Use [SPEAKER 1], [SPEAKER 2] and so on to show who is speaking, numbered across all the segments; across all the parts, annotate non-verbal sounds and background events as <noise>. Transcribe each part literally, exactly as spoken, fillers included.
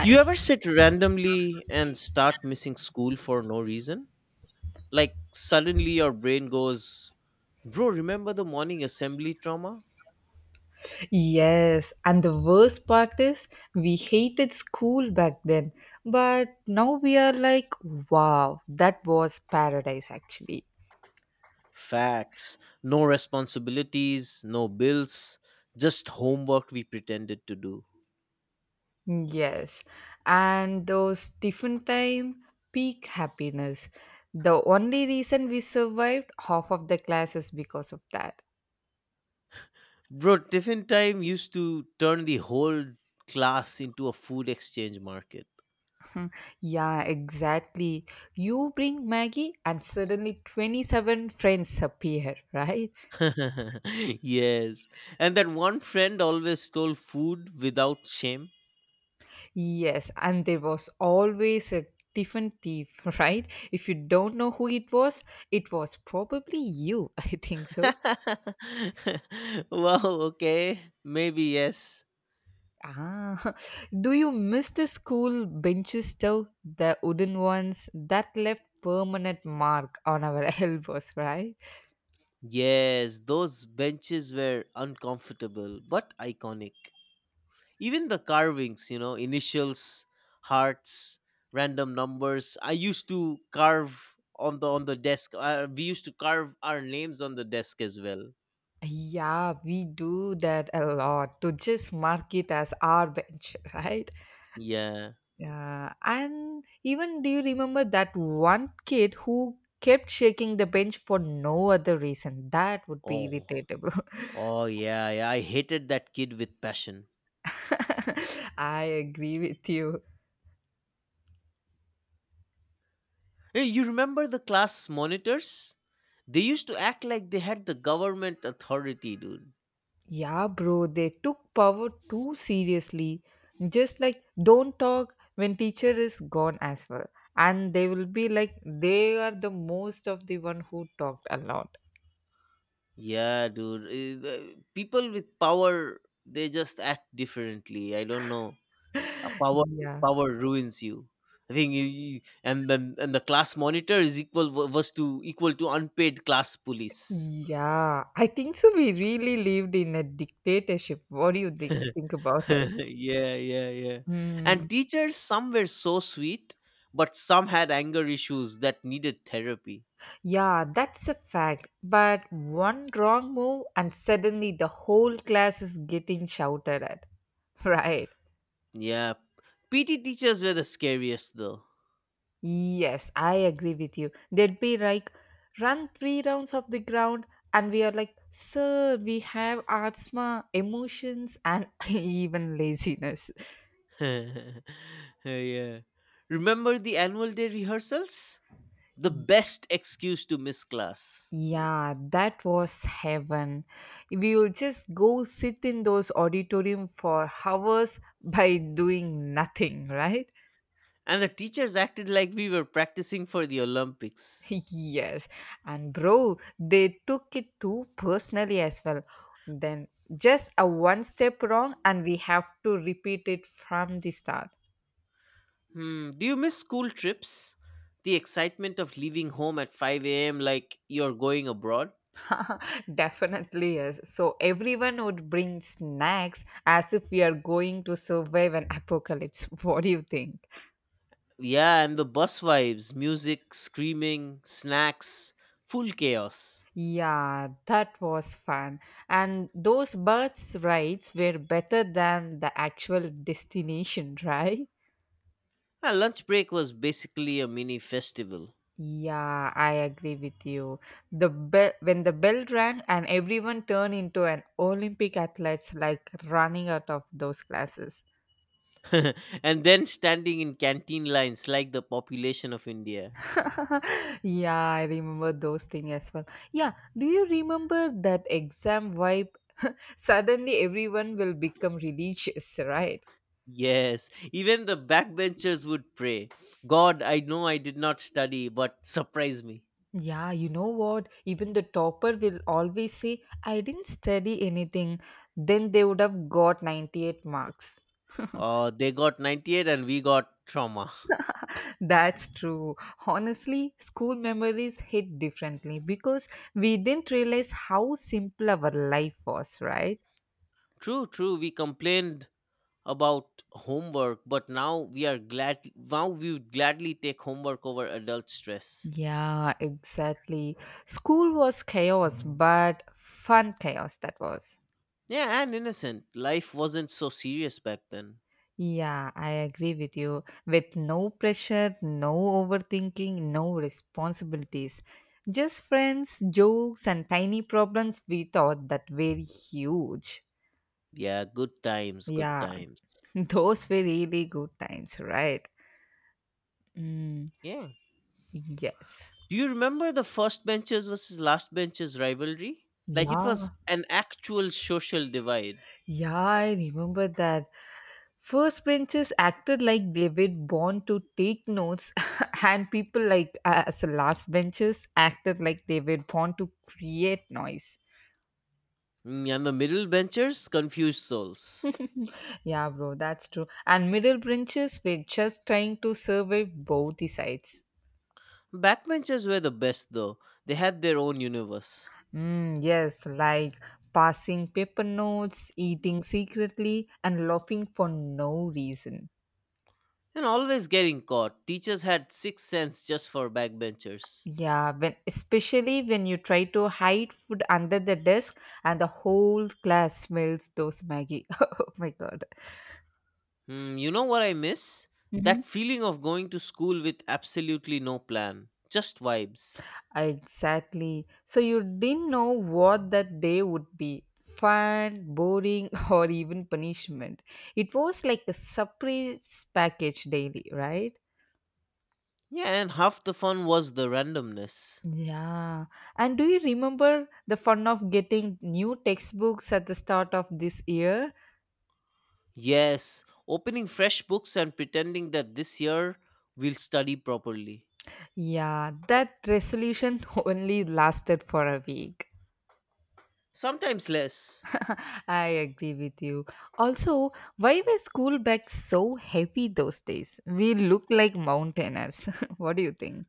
[SPEAKER 1] You ever sit randomly and start missing school for no reason? Like suddenly your brain goes, bro, remember the morning assembly trauma?
[SPEAKER 2] Yes, and the worst part is we hated school back then, but now we are like, wow, that was paradise actually.
[SPEAKER 1] Facts. No responsibilities, no bills, just homework we pretended to do.
[SPEAKER 2] Yes, and those tiffin time, peak happiness. The only reason we survived half of the class is because of that.
[SPEAKER 1] Bro, tiffin time used to turn the whole class into a food exchange market.
[SPEAKER 2] Yeah, exactly. You bring Maggie, and suddenly twenty-seven friends appear, <laughs> right?
[SPEAKER 1] <laughs> Yes. And that one friend always stole food without shame.
[SPEAKER 2] Yes, and there was always a different thief, <laughs> right? If you don't know who it was, it was probably you, <laughs> I think so.
[SPEAKER 1] <laughs> Wow, okay. Maybe yes.
[SPEAKER 2] Ah, <laughs> do you miss the school benches though? The wooden ones that left permanent mark on our <laughs> elbows, right?
[SPEAKER 1] Yes, those benches were uncomfortable but iconic. Even the carvings, you know, initials, hearts, random numbers. I used to carve on the on the desk. Uh, we used to carve our names on the desk as well.
[SPEAKER 2] Yeah, we do that a lot to just mark it as our bench, <laughs> right?
[SPEAKER 1] Yeah.
[SPEAKER 2] Yeah, and even do you remember that one kid who kept shaking the bench for no other reason? That would be
[SPEAKER 1] Oh.
[SPEAKER 2] irritable.
[SPEAKER 1] Oh yeah, yeah. I hated that kid with passion.
[SPEAKER 2] <laughs> I agree with you.
[SPEAKER 1] Hey, you remember the class monitors? They used to act like they had the government authority, dude.
[SPEAKER 2] Yeah, bro, they took power too seriously. Just like don't talk when teacher is gone as well. And they will be like they are the most of the one who talked a lot.
[SPEAKER 1] Yeah, dude. eh, the- People with power, they just act differently. I don't know. A
[SPEAKER 2] <laughs>
[SPEAKER 1] power
[SPEAKER 2] Yeah.
[SPEAKER 1] power ruins you. I think you, you- and then and the class monitor is equal wa- was to equal to unpaid class police.
[SPEAKER 2] Yeah, I think so. We really lived in a dictatorship. What do you think, think
[SPEAKER 1] <laughs>
[SPEAKER 2] about it?
[SPEAKER 1] Yeah, yeah, yeah. And
[SPEAKER 2] Mm.
[SPEAKER 1] teachers, some were so sweet, but some had anger issues that needed therapy.
[SPEAKER 2] Yeah, that's a fact. But one wrong move, and suddenly the whole class is getting shouted at. <laughs> Right.
[SPEAKER 1] Yeah. P T teachers were the scariest though.
[SPEAKER 2] Yes, I agree with you. They'd be like, run three rounds of the ground, and we are like, sir, we have asthma, emotions, and <laughs> even laziness.
[SPEAKER 1] <laughs> Yeah. Remember the annual day rehearsals? The best excuse to miss class.
[SPEAKER 2] Yeah, that was heaven. We will just go sit in those auditorium for hours <laughs> by doing nothing, right? <laughs>
[SPEAKER 1] And the teachers acted like we were practicing for the Olympics.
[SPEAKER 2] Yes. And bro, they took it too personally as well. Then just a one step wrong and we have to repeat it from the start.
[SPEAKER 1] Hmm. Do you miss school trips? The excitement of leaving home at five a m like you're going abroad?
[SPEAKER 2] <laughs> Definitely yes. So everyone would bring snacks as if we are going to survive an apocalypse. <laughs> What do you think?
[SPEAKER 1] Yeah, and the bus vibes music, screaming, snacks, full chaos.
[SPEAKER 2] Yeah, that was fun. And those birds' rides were better than the actual destination, <laughs> right?
[SPEAKER 1] Ah, lunch break was basically a mini festival.
[SPEAKER 2] Yeah, I agree with you. The bell when the bell rang and everyone turned into an Olympic athletes like running out of those classes.
[SPEAKER 1] <laughs> And then standing in canteen lines like the population of India.
[SPEAKER 2] <laughs> yeah, I remember those things as well. Yeah, do you remember that exam vibe? Suddenly everyone will become religious, <laughs> right?
[SPEAKER 1] Yes, even the backbenchers would pray. God, I know I did not study, but surprise me.
[SPEAKER 2] Yeah, you know what? Even the topper will always say, I didn't study anything. Then they would have got ninety-eight marks.
[SPEAKER 1] Oh, they got ninety-eight and we got trauma.
[SPEAKER 2] <laughs> That's true. Honestly, school memories hit differently because we didn't realize how simple our life was, right?
[SPEAKER 1] True, true. We complained about homework, but now we are glad. Now we would gladly take homework over adult stress.
[SPEAKER 2] Yeah, exactly. School was chaos, but fun chaos that was.
[SPEAKER 1] Yeah, and innocent. Life wasn't so serious back then.
[SPEAKER 2] Yeah, I agree with you. With no pressure, no overthinking, no responsibilities. Just friends, jokes, and tiny problems we thought that were huge.
[SPEAKER 1] Yeah, good times, good
[SPEAKER 2] Yeah,
[SPEAKER 1] times.
[SPEAKER 2] <laughs> those were really good times, right? Mm,
[SPEAKER 1] Yeah.
[SPEAKER 2] yes.
[SPEAKER 1] Do you remember the first benchers versus last benchers rivalry? Like it
[SPEAKER 2] Yeah.
[SPEAKER 1] was an actual social divide.
[SPEAKER 2] Yeah, I remember that. First benches acted like they were born to take notes, <laughs> and people like us last benches acted like they were born to create noise.
[SPEAKER 1] Mm, and the middle benchers, confused souls.
[SPEAKER 2] Yeah, bro, that's true. And middle branches were just trying to survive both the sides.
[SPEAKER 1] Backbenchers were the best though. They had their own universe.
[SPEAKER 2] Mm, yes, like passing paper notes, eating secretly, and laughing for no reason.
[SPEAKER 1] And always getting caught. Teachers had sixth sense just for backbenchers.
[SPEAKER 2] Yeah, when especially when you try to hide food under the desk and the whole class smells those Maggie. <laughs> oh my god.
[SPEAKER 1] Hmm, you know what I miss? That feeling of going to school with absolutely no plan. Just vibes.
[SPEAKER 2] Exactly. So you didn't know what that day would be fun, boring, <laughs> or even punishment. It was like a surprise package daily, right?
[SPEAKER 1] Yeah, and half the fun was the randomness.
[SPEAKER 2] Yeah. And do you remember the fun of getting new textbooks at the start of this year?
[SPEAKER 1] Yes, opening fresh books and pretending that this year we'll study properly.
[SPEAKER 2] Yeah, that resolution <laughs> only lasted for a week.
[SPEAKER 1] Sometimes less.
[SPEAKER 2] <laughs> I agree with you. Also, why were school bags so heavy those days? We look like mountaineers. <laughs> what do you think?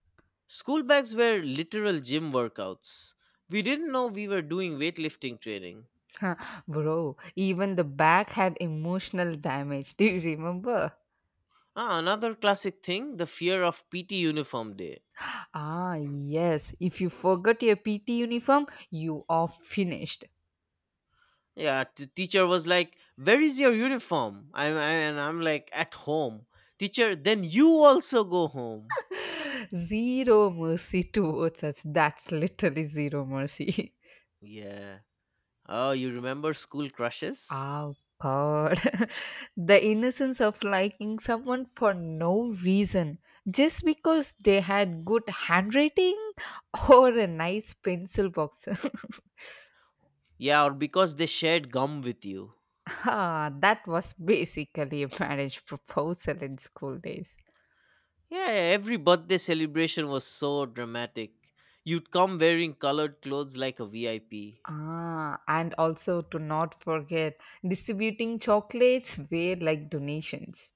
[SPEAKER 1] School bags were literal gym workouts. We didn't know we were doing weightlifting training.
[SPEAKER 2] Huh, Bro, even the bag had emotional damage. <laughs> Do you remember?
[SPEAKER 1] Ah, another classic thing the fear of P T uniform day.
[SPEAKER 2] Ah, yes. If you forgot your P T uniform, you are finished.
[SPEAKER 1] Yeah, t- teacher was like, where is your uniform? I'm, I, and I'm like, at home. Teacher, then you also go home.
[SPEAKER 2] Zero mercy <laughs> towards us. That's literally zero mercy. <laughs>
[SPEAKER 1] Yeah. Oh, you remember school crushes?
[SPEAKER 2] Oh God. <laughs> the innocence of liking someone for no reason, just because they had good handwriting <laughs> or a nice pencil box.
[SPEAKER 1] Yeah, or because they shared gum with you.
[SPEAKER 2] <laughs> ah, that was basically a marriage proposal in school days.
[SPEAKER 1] Yeah, every birthday celebration was so dramatic. You'd come wearing colored clothes like a V I P.
[SPEAKER 2] Ah, and also to not forget distributing chocolates were like donations.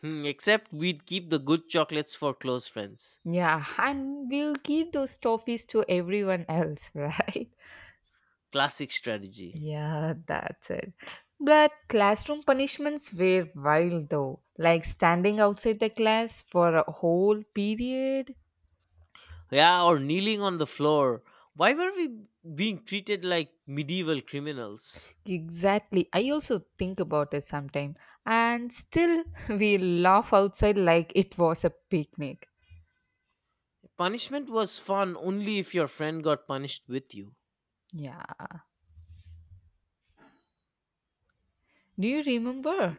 [SPEAKER 1] Hmm, except we'd keep the good chocolates for close friends.
[SPEAKER 2] Yeah, and we'll give those toffees to everyone else, <laughs> right?
[SPEAKER 1] Classic strategy.
[SPEAKER 2] Yeah, that's it. But classroom punishments were wild though, like standing outside the class for a whole period.
[SPEAKER 1] Yeah, or kneeling on the floor. Why were we being treated like medieval criminals?
[SPEAKER 2] Exactly. I also think about it sometime. And still, <laughs> we laugh outside like it was a picnic.
[SPEAKER 1] Punishment was fun only if your friend got punished with you.
[SPEAKER 2] Yeah. Do you remember?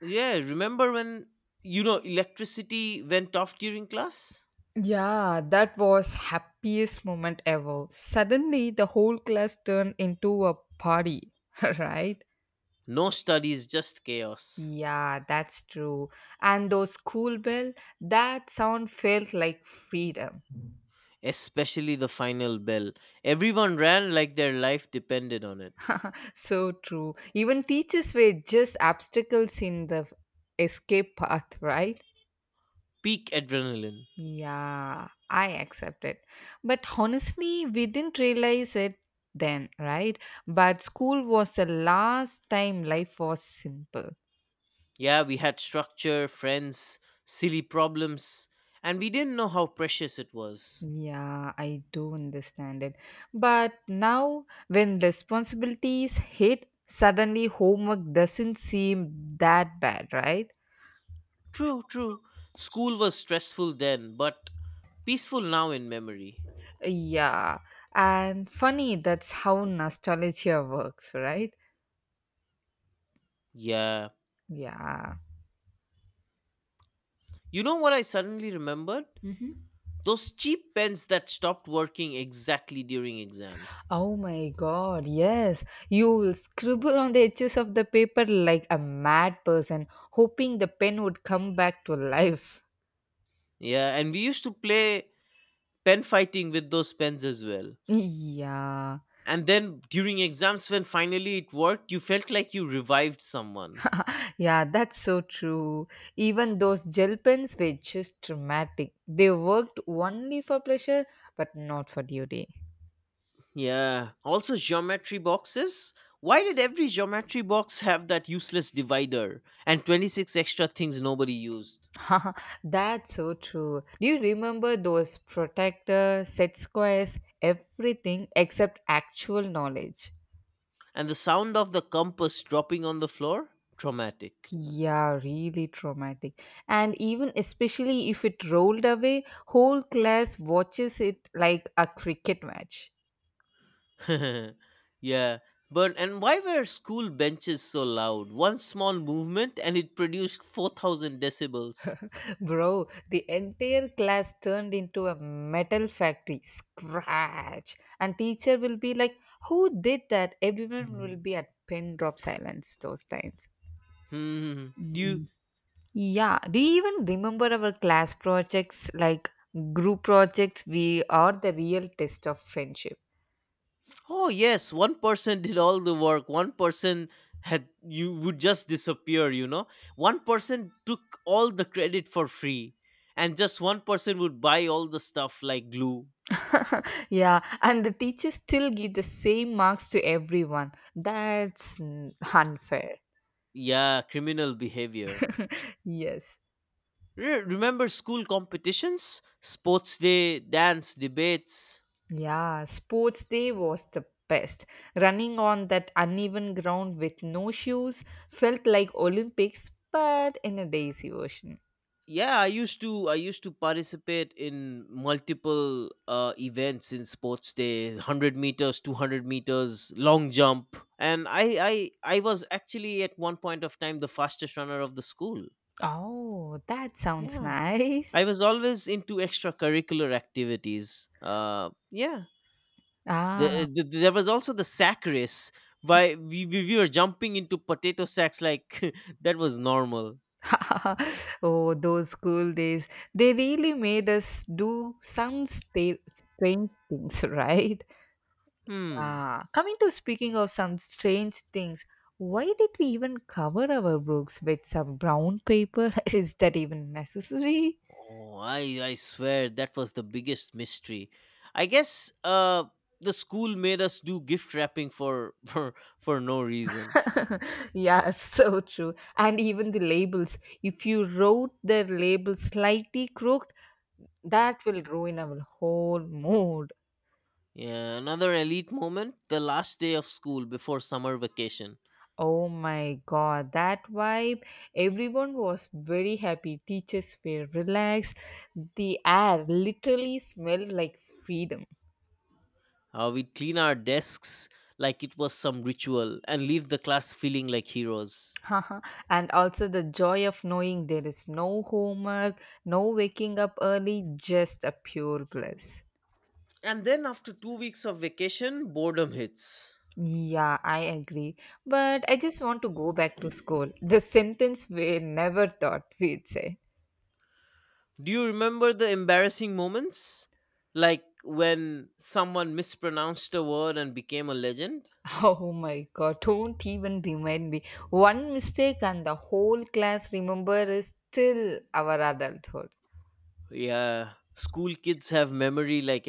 [SPEAKER 1] Yeah, remember when, you know, electricity went off during class?
[SPEAKER 2] Yeah, that was happiest moment ever. Suddenly the whole class turned into a party, <laughs> right?
[SPEAKER 1] No studies, just chaos.
[SPEAKER 2] Yeah, that's true. And those school bell, that sound felt like freedom.
[SPEAKER 1] Especially the final bell. Everyone ran like their life depended on it.
[SPEAKER 2] <laughs> so true. Even teachers were just obstacles in the escape path, right?
[SPEAKER 1] Peak adrenaline.
[SPEAKER 2] Yeah, I accept it. But honestly, we didn't realize it then, right? But school was the last time life was simple.
[SPEAKER 1] Yeah, we had structure, friends, silly problems, and we didn't know how precious it was.
[SPEAKER 2] Yeah, I do understand it. But now, when responsibilities hit, suddenly homework doesn't seem that bad, right?
[SPEAKER 1] True, true. School was stressful then, but peaceful now in memory.
[SPEAKER 2] Yeah. And funny, that's how nostalgia works, right?
[SPEAKER 1] Yeah.
[SPEAKER 2] Yeah.
[SPEAKER 1] You know what I suddenly remembered?
[SPEAKER 2] Hmm.
[SPEAKER 1] Those cheap pens that stopped working exactly during exams.
[SPEAKER 2] Oh my god, yes. You will scribble on the edges of the paper like a mad person, hoping the pen would come back to life.
[SPEAKER 1] Yeah, and we used to play pen fighting with those pens as well.
[SPEAKER 2] <laughs> Yeah.
[SPEAKER 1] And then during exams when finally it worked you felt like you revived someone.
[SPEAKER 2] Yeah, that's so true. Even those gel pens were just dramatic. They worked only for pleasure, but not for duty.
[SPEAKER 1] Yeah, also geometry boxes. Why did every geometry box have that useless divider and twenty-six extra things nobody used?
[SPEAKER 2] <laughs> that's so true. Do you remember those protector, set squares, everything except actual knowledge?
[SPEAKER 1] And the sound of the compass dropping on the floor, traumatic.
[SPEAKER 2] Yeah, really traumatic. And even especially if it rolled away, whole class watches it like a cricket match.
[SPEAKER 1] <laughs> Yeah. But and why were school benches so loud? One small movement and it produced four thousand decibels.
[SPEAKER 2] Bro, the entire class turned into a metal factory. Scratch. And teacher will be like, who did that? Everyone will be at pin drop silence those times.
[SPEAKER 1] Hmm. do you
[SPEAKER 2] Mm. Yeah. Do you even remember our class projects like group projects? We are the real test of friendship.
[SPEAKER 1] Oh yes, one person did all the work. One person had you would just disappear, you know. One person took all the credit for free and just one person would buy all the stuff like glue.
[SPEAKER 2] <laughs> yeah. And the teachers still give the same marks to everyone. That's mm, <laughs> unfair.
[SPEAKER 1] Yeah, criminal behavior.
[SPEAKER 2] Yes.
[SPEAKER 1] Re- remember school competitions? Sports day, dance, debates.
[SPEAKER 2] Yeah, sports day was the best. Running on that uneven ground with no shoes felt like Olympics, but in a daisy version.
[SPEAKER 1] Yeah, i used to i used to participate in multiple uh, events in sports day, 100 meters, 200 meters, long jump, and i i i was actually at one point of time the fastest runner of the school.
[SPEAKER 2] Oh, that sounds
[SPEAKER 1] Yeah,
[SPEAKER 2] nice.
[SPEAKER 1] I was always into extracurricular activities. Uh yeah.
[SPEAKER 2] Ah,
[SPEAKER 1] The, the, there was also the sack race. Why we, we, we were jumping into potato sacks like <laughs> that was normal.
[SPEAKER 2] <laughs> oh, those school days. They really made us do some sta- strange things, <laughs> right?
[SPEAKER 1] Hmm.
[SPEAKER 2] Yeah. Coming to speaking of some strange things, why did we even cover our books with some brown paper? <laughs> Is that even necessary?
[SPEAKER 1] Oh, I I swear that was the biggest mystery. I guess uh the school made us do gift wrapping for <laughs> for for no reason.
[SPEAKER 2] <laughs> yeah, so true. And even the labels, if you wrote their labels slightly crooked, that will ruin our whole mood.
[SPEAKER 1] Yeah, another elite moment, the last day of school before summer vacation.
[SPEAKER 2] Oh my god, that vibe. Everyone was very happy. Teachers were relaxed. The air literally smelled like freedom.
[SPEAKER 1] Uh, we'd clean our desks like it was some ritual and leave the class feeling like heroes.
[SPEAKER 2] <laughs> and also the joy of knowing there is no homework, no waking up early, just a pure bliss.
[SPEAKER 1] And then after 2 weeks of vacation, boredom hits.
[SPEAKER 2] Yeah, I agree. But I just want to go back to school. The sentence we never thought we'd say.
[SPEAKER 1] Do you remember the embarrassing moments? Like when someone mispronounced a word and became a legend?
[SPEAKER 2] <laughs> Oh my god, don't even remind me. One mistake and the whole class remember is till our adulthood.
[SPEAKER 1] Yeah, school kids have memory like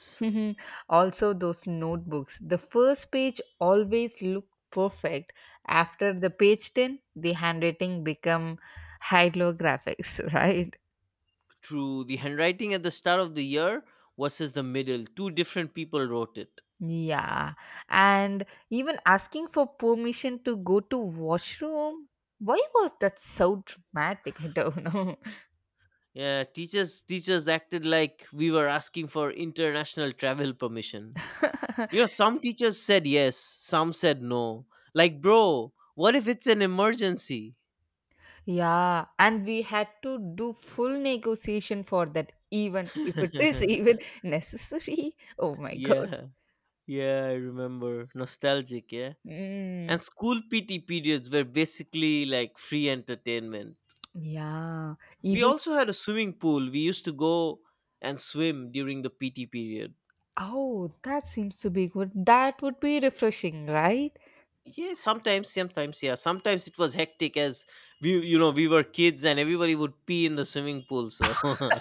[SPEAKER 2] <laughs> Mhm. Also, those notebooks. The first page always looked perfect. After the page ten, the handwriting become hieroglyphics, <laughs> right?
[SPEAKER 1] True, the handwriting at the start of the year versus the middle, two different people wrote it.
[SPEAKER 2] Yeah, and even asking for permission to go to washroom. Why was that so dramatic? <laughs> I don't know.
[SPEAKER 1] Yeah, teachers teachers acted like we were asking for international travel permission. You know,
[SPEAKER 2] <laughs>
[SPEAKER 1] some teachers said yes, some said no. Like, bro, what if it's an emergency?
[SPEAKER 2] yeah, and we had to do full negotiation for that, even if it is <laughs> even
[SPEAKER 1] <laughs>
[SPEAKER 2] necessary. Oh my god.
[SPEAKER 1] Yeah. Yeah, I remember. Nostalgic, yeah.
[SPEAKER 2] Mm,
[SPEAKER 1] And school P T periods were basically like free entertainment.
[SPEAKER 2] yeah,
[SPEAKER 1] We
[SPEAKER 2] even
[SPEAKER 1] also had a swimming pool. We used to go and swim during the P T period.
[SPEAKER 2] oh, that seems to be good. That would be refreshing, right?
[SPEAKER 1] Yeah, sometimes, sometimes, yeah. Sometimes it was hectic as we, you know, we were kids and everybody would pee in the swimming pool. So <laughs>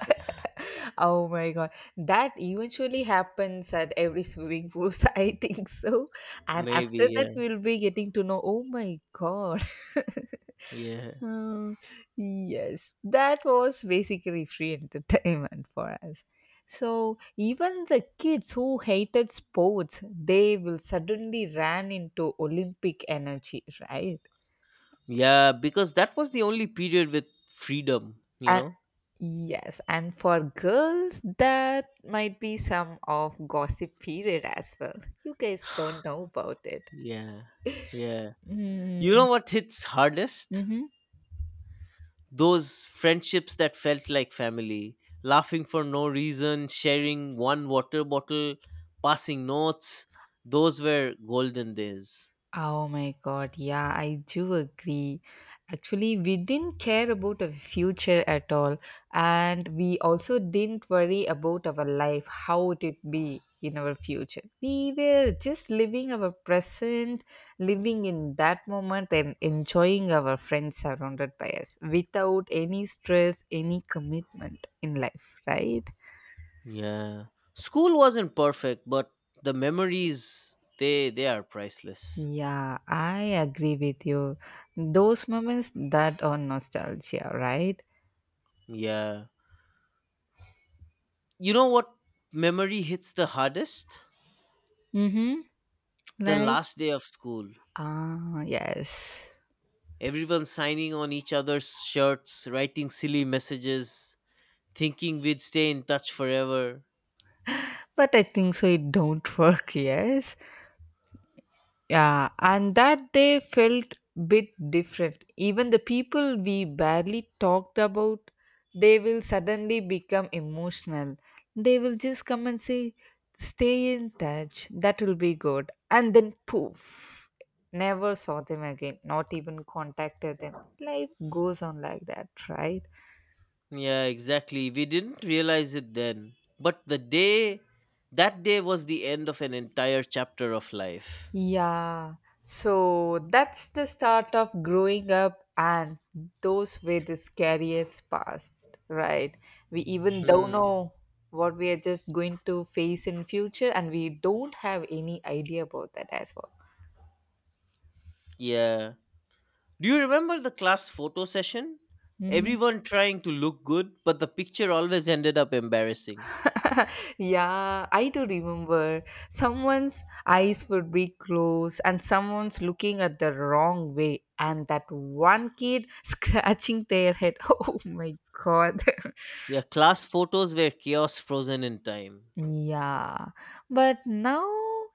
[SPEAKER 2] Oh my god, that eventually happens at every swimming pool. <laughs> I think so. And
[SPEAKER 1] maybe,
[SPEAKER 2] after that,
[SPEAKER 1] yeah,
[SPEAKER 2] we'll be getting to know. Oh my god. <laughs>
[SPEAKER 1] yeah,
[SPEAKER 2] Uh, yes, that was basically free entertainment for us. So even the kids who hated sports, they will suddenly ran into Olympic energy, right?
[SPEAKER 1] yeah, because that was the only period with freedom, you know?
[SPEAKER 2] Yes, and for girls, that might be some of gossip period as well. You guys don't know about it.
[SPEAKER 1] Yeah, yeah. You
[SPEAKER 2] Mm-hmm.
[SPEAKER 1] know what hits hardest? Those friendships that felt like family, laughing for no reason, sharing one water bottle, passing notes. Those were golden days.
[SPEAKER 2] Oh my god, yeah, I do agree. Actually, we didn't care about a future at all, and we also didn't worry about our life, how it would be in our future. We were just living our present, living in that moment, and enjoying our friends surrounded by us without any stress, any commitment in life, right?
[SPEAKER 1] Yeah. School wasn't perfect, but the memories they they are priceless.
[SPEAKER 2] Yeah, I agree with you. Those moments that are nostalgia, right?
[SPEAKER 1] Yeah. You know what memory hits the hardest?
[SPEAKER 2] Mhm.
[SPEAKER 1] The
[SPEAKER 2] Like
[SPEAKER 1] last day of school.
[SPEAKER 2] ah, yes.
[SPEAKER 1] Everyone signing on each other's shirts, writing silly messages, thinking we'd stay in touch forever.
[SPEAKER 2] But I think so it don't <laughs> work, yes. Yeah, and that day felt bit different. Even the people we barely talked about, they will suddenly become emotional. They will just come and say, "Stay in touch. That will be good." And then poof, never saw them again. Not even contacted them. Life goes on like that, right?
[SPEAKER 1] Yeah, exactly. We didn't realize it then. But the day, that day was the end of an entire chapter of life.
[SPEAKER 2] Yeah, so that's the start of growing up, and those were the scariest past, right? We even don't
[SPEAKER 1] Hmm.
[SPEAKER 2] know what we are just going to face in future, and we don't have any idea about that as well.
[SPEAKER 1] Yeah. Do you remember the class photo session?
[SPEAKER 2] Mhm.
[SPEAKER 1] Everyone trying to look good, but the picture always ended up embarrassing.
[SPEAKER 2] <laughs> yeah, I do remember someone's eyes would be closed and someone's looking at the wrong way, and that one kid <laughs> scratching their head. <laughs> Oh my god. <laughs>
[SPEAKER 1] Yeah, class photos were chaos frozen in time.
[SPEAKER 2] Yeah, but now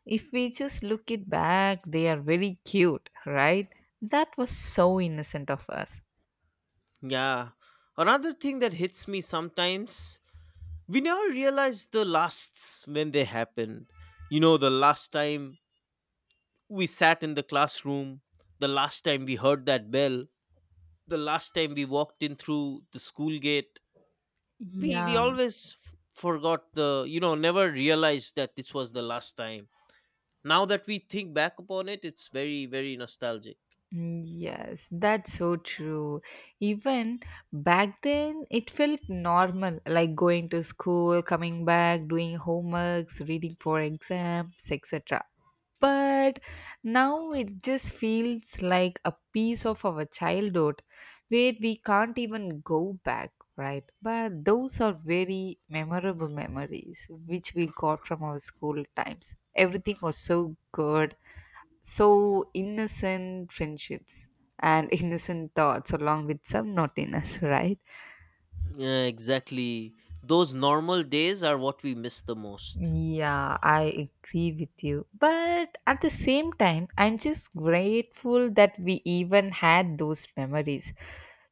[SPEAKER 2] if we just look it back, they are very cute, right? That was so innocent of us.
[SPEAKER 1] Yeah. Another thing that hits me sometimes, we never realize the lasts when they happened. You know, the last time we sat in the classroom, the last time we heard that bell, the last time we walked in through the school gate, we we
[SPEAKER 2] Yeah,
[SPEAKER 1] always f- forgot the you know never realized that this was the last time. Now that we think back upon it, it's very very nostalgic.
[SPEAKER 2] Mm, Yes, that's so true. Even back then, it felt normal, like going to school, coming back, doing homeworks, reading for exams, et cetera. But now it just feels like a piece of our childhood where we can't even go back, right? But those are very memorable memories which we got from our school times. Everything was so good, so innocent friendships and <laughs> innocent thoughts along with some naughtiness, right?
[SPEAKER 1] Yeah, exactly, those normal days are what we miss the most.
[SPEAKER 2] Yeah, I agree with you, but at the same time I'm just grateful that we even had those memories.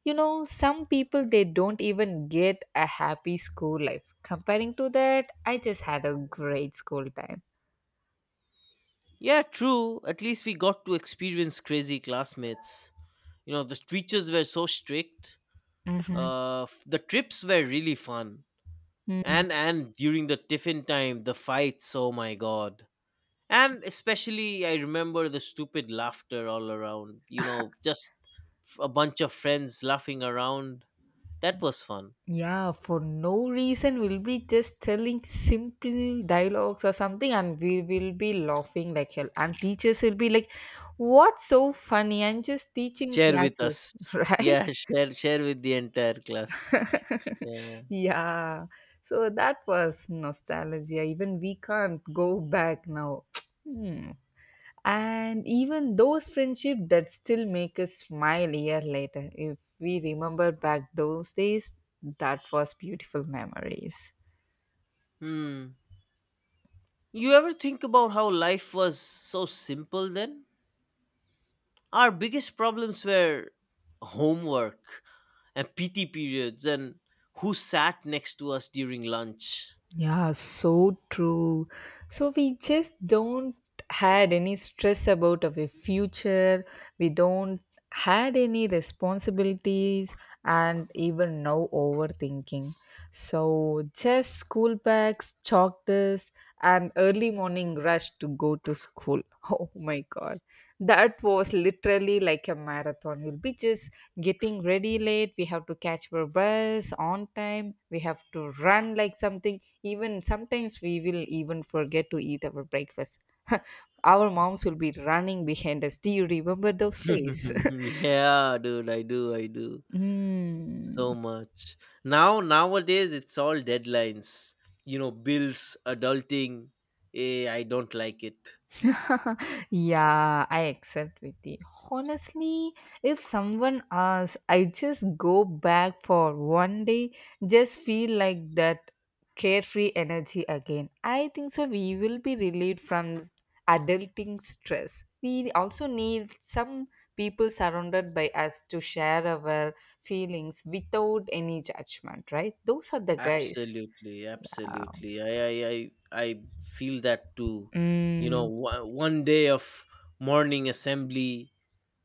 [SPEAKER 2] You know some people, they don't even get a happy school life comparing to that. I just had a great school time.
[SPEAKER 1] Yeah, true, at least we got to experience crazy classmates. You know, the teachers were so strict. Uh f- the trips were really fun.
[SPEAKER 2] Mhm.
[SPEAKER 1] And and during the tiffin time, the fights, oh my god. And especially I remember the stupid laughter all around, you know just a bunch of friends laughing around, that was fun.
[SPEAKER 2] Yeah, for no reason we'll be just telling simple dialogues or something and we will be laughing like hell and teachers will be like, what's so funny, I'm just teaching
[SPEAKER 1] Share with us.
[SPEAKER 2] classes. <laughs> Right.
[SPEAKER 1] Yeah, <laughs> share share with the entire class.
[SPEAKER 2] <laughs>
[SPEAKER 1] Yeah.
[SPEAKER 2] Yeah, so that was nostalgia, even we can't go back now. <tsk> Hmm. And even those friendships that still make us smile a year later if we remember back those days, that was beautiful memories.
[SPEAKER 1] Hmm. You ever think about how life was so simple then? Our biggest problems were homework and PT periods and who sat next to us during lunch.
[SPEAKER 2] Yeah, so true. So we just don't had any stress about our future. We don't had any responsibilities and even no overthinking. So just school bags, chalk this and early morning rush to go to school. <laughs> Oh my god. That was literally like a marathon. We will be just getting ready late. We have to catch our bus on time. We have to run like something. Even sometimes we will even forget to eat our breakfast. <laughs> Our moms will be running behind us. Do you remember those days? <laughs>
[SPEAKER 1] <laughs> Yeah, dude, I do, I do
[SPEAKER 2] Hmm.
[SPEAKER 1] so much. Now, nowadays, it's all deadlines. You know, bills, adulting. Eh, I don't like it.
[SPEAKER 2] <laughs> Yeah, I accept with you. Honestly, if someone asks, I just go back for one day, just feel like that carefree energy again. I think so. We will be relieved from adulting stress. We also need some people surrounded by us to share our feelings without any judgment, right? Those are the guys. <laughs>
[SPEAKER 1] Absolutely,
[SPEAKER 2] Uh,
[SPEAKER 1] absolutely. I, I, I, I feel that too. You know,
[SPEAKER 2] Mm,
[SPEAKER 1] wha- one day of morning assembly,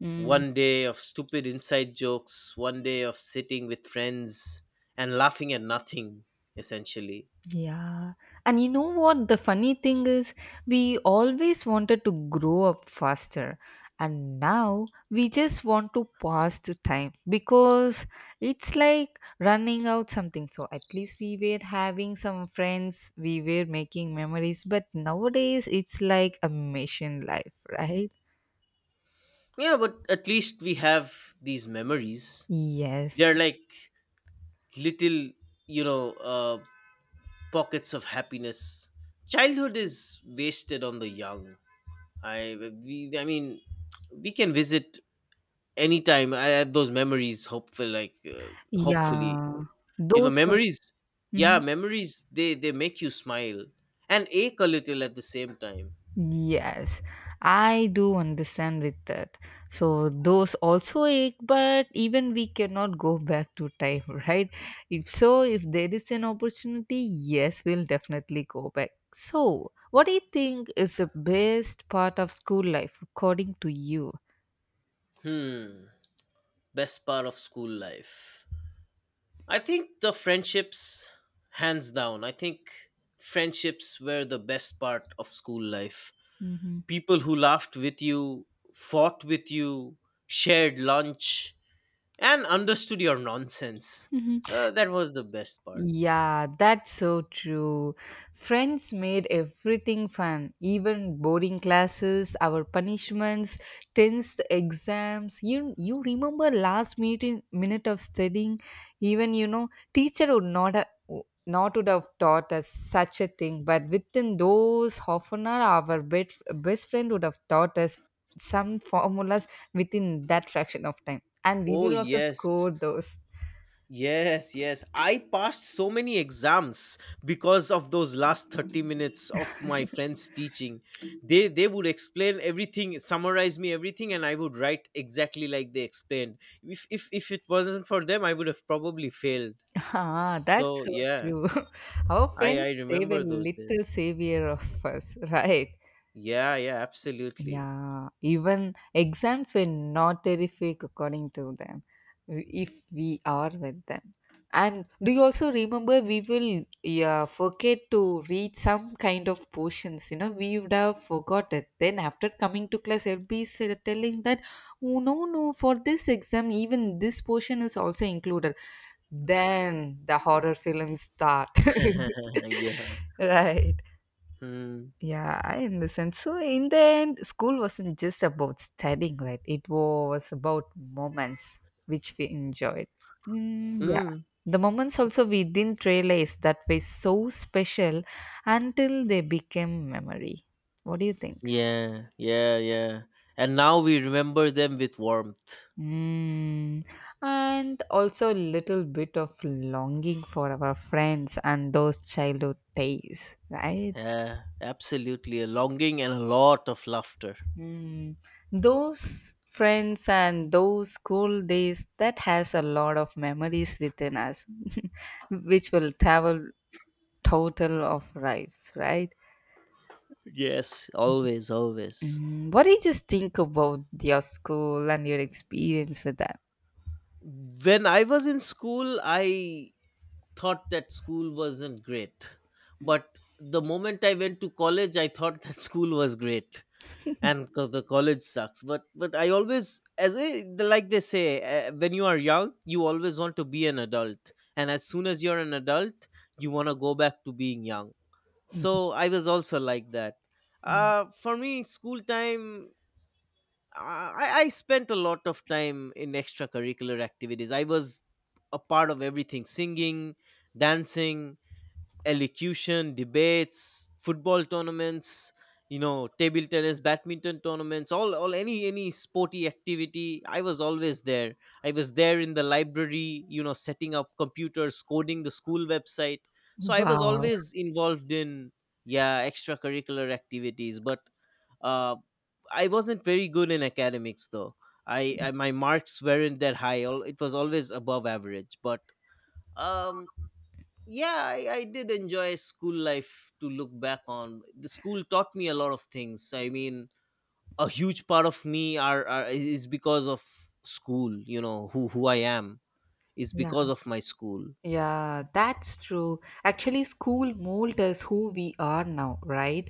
[SPEAKER 2] mm.
[SPEAKER 1] one day of stupid inside jokes, one day of sitting with friends and laughing at nothing, essentially.
[SPEAKER 2] Yeah. And you know what? The funny thing is, we always wanted to grow up faster. And now we just want to pass the time because it's like running out something. So at least we were having some friends, we were making memories. But nowadays it's like a mission life, <laughs> right?
[SPEAKER 1] Yeah, but at least we have these memories.
[SPEAKER 2] Yes.
[SPEAKER 1] They're like little, you know, uh, pockets of happiness. Childhood is wasted on the young. I, we, I mean, we can visit anytime. I had those memories. Hopeful, like, uh, hopefully,
[SPEAKER 2] Yeah.
[SPEAKER 1] you know,
[SPEAKER 2] Those.
[SPEAKER 1] memories. Yeah, memories. They they make you smile and ache a little at the same time.
[SPEAKER 2] Yes, I do understand with that. So those also ache, but even we cannot go <laughs> back to time, <laughs> right? If so, if there is an opportunity, yes, we'll definitely go back. So, what do you think is the best part of school life, according to you?
[SPEAKER 1] Hmm. Best part of school life. I think the friendships, hands down. I think friendships were the best part of school life.
[SPEAKER 2] Mm-hmm.
[SPEAKER 1] People who laughed with you, fought with you, shared lunch, and understood your nonsense. Uh, that was the best part.
[SPEAKER 2] Yeah, that's so true. Friends made everything fun, even boarding classes, our punishments, tensed exams. You you remember last minute minute of studying, even you know teacher would not have, not would have taught us such a thing, but within those half an hour, our best best friend would have taught us some formulas within that fraction of time, and we
[SPEAKER 1] Oh,
[SPEAKER 2] will also
[SPEAKER 1] yes.
[SPEAKER 2] score those.
[SPEAKER 1] Yes, yes. I passed so many exams because of those last 30 minutes of my friends teaching. They they would explain everything, summarize me everything, and I would write exactly like they explained. If if if it wasn't for them, I would have probably failed.
[SPEAKER 2] Ah, that's
[SPEAKER 1] So,
[SPEAKER 2] so
[SPEAKER 1] yeah.
[SPEAKER 2] true. <laughs> Our
[SPEAKER 1] I
[SPEAKER 2] friends,
[SPEAKER 1] I
[SPEAKER 2] they were
[SPEAKER 1] remember those
[SPEAKER 2] little
[SPEAKER 1] days.
[SPEAKER 2] savior of us, right?
[SPEAKER 1] Yeah, yeah, absolutely.
[SPEAKER 2] Yeah, even exams were not terrific according to them, if we are with them. And do you also remember we will, yeah, forget to read some kind of portions? You know, we would have forgot it. Then after coming to class, I'll be s- telling that, oh, no, no, for this exam, even this portion is also included, then the horror films start.
[SPEAKER 1] <laughs> Yeah.
[SPEAKER 2] <laughs> Right.
[SPEAKER 1] Hmm.
[SPEAKER 2] Yeah, I understand. So in the end school wasn't just about studying, right? It was about moments which we enjoyed. Mm, yeah.
[SPEAKER 1] Mm.
[SPEAKER 2] The moments also we didn't realize that were so special until they became memory. What do you think?
[SPEAKER 1] Yeah, yeah, yeah. And now we remember them with warmth.
[SPEAKER 2] Mm, and also a little bit of longing for our friends and those childhood days, right?
[SPEAKER 1] Yeah, absolutely. A longing and a lot of laughter.
[SPEAKER 2] Mm, those friends and those school days that has a lot of memories within us <laughs> which will travel total of lives, right?
[SPEAKER 1] Yes, always, always.
[SPEAKER 2] Mm, what do you just think about your school and your experience with that?
[SPEAKER 1] When I was in school, I thought that school wasn't great. But the moment I went to college, I thought that <laughs> school was great and 'cause the college sucks. But but I always, as I, the- like they say, uh, when you are young, you always want to be an adult, and as soon as you're an adult, you want to go back to being young. So I was also like that. Uh, for me school time, uh, I, I spent a lot of time in extracurricular activities. I was a part of everything: singing, dancing, elocution, debates, football tournaments, you know, table tennis, badminton tournaments, all, all, any any sporty activity. I was always there. I was there in the library, you know, setting up computers, coding the school website. So I was
[SPEAKER 2] Wow.
[SPEAKER 1] always involved in, yeah, extracurricular activities, but uh, I wasn't very good in academics though. I, I My marks weren't that high. Al- It was always above average, but um yeah, I, I did enjoy school life. To look back on, the school taught me a lot of things. I mean, a huge part of me are, are is because of school. You know who who I am is because of my school.
[SPEAKER 2] Yeah, that's true. Actually, school mold us who we are now, right?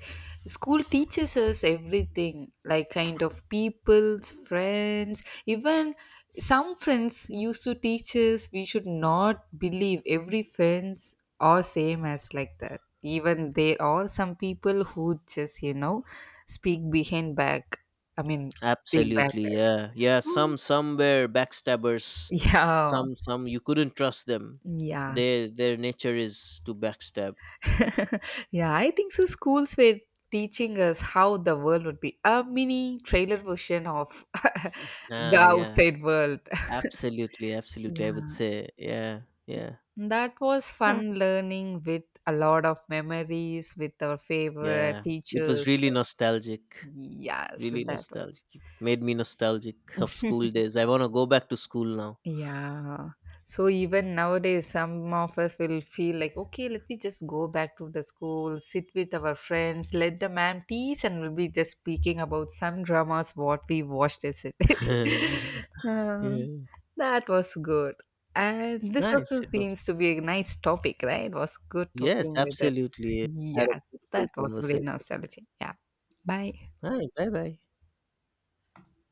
[SPEAKER 2] School teaches us everything, like kind of people's friends. Even some friends used to teach us we should not believe every friends are same as like that. Even there are some people who just, you know, speak behind back. I mean, speak back.
[SPEAKER 1] Absolutely. Yeah, yeah.
[SPEAKER 2] <laughs>
[SPEAKER 1] Some some were backstabbers.
[SPEAKER 2] Yeah,
[SPEAKER 1] Some some you couldn't trust them.
[SPEAKER 2] yeah.
[SPEAKER 1] Their their nature is to backstab.
[SPEAKER 2] <laughs> Yeah, I think so. Schools were teaching us how the world would be a mini trailer version of <laughs> the
[SPEAKER 1] Ah yeah,
[SPEAKER 2] outside world. <laughs>
[SPEAKER 1] absolutely, absolutely, I would
[SPEAKER 2] Yeah,
[SPEAKER 1] say. Yeah. Yeah.
[SPEAKER 2] that was
[SPEAKER 1] Alright.
[SPEAKER 2] fun learning with a lot of memories with our favorite
[SPEAKER 1] Yeah, it was
[SPEAKER 2] teachers.
[SPEAKER 1] really nostalgic.
[SPEAKER 2] Yes,
[SPEAKER 1] Really
[SPEAKER 2] that
[SPEAKER 1] nostalgic.
[SPEAKER 2] was.
[SPEAKER 1] Made me nostalgic of school days. I want to go back to school now.
[SPEAKER 2] Yeah. So even nowadays, some of us will feel like, okay, let me just go back to the school, sit with our friends, let the ma'am teach, and we'll be just speaking about some dramas what we watched yesterday.
[SPEAKER 1] <laughs>
[SPEAKER 2] <laughs> Uh,
[SPEAKER 1] Yeah.
[SPEAKER 2] that was good. And this
[SPEAKER 1] Nice.
[SPEAKER 2] also
[SPEAKER 1] It was.
[SPEAKER 2] seems to be a nice topic, right? It was good
[SPEAKER 1] Yes,
[SPEAKER 2] talking with it.
[SPEAKER 1] absolutely. Had a
[SPEAKER 2] Yeah,
[SPEAKER 1] beautiful
[SPEAKER 2] that was great
[SPEAKER 1] conversation.
[SPEAKER 2] nostalgia. Yeah. Bye.
[SPEAKER 1] Hi. Bye bye.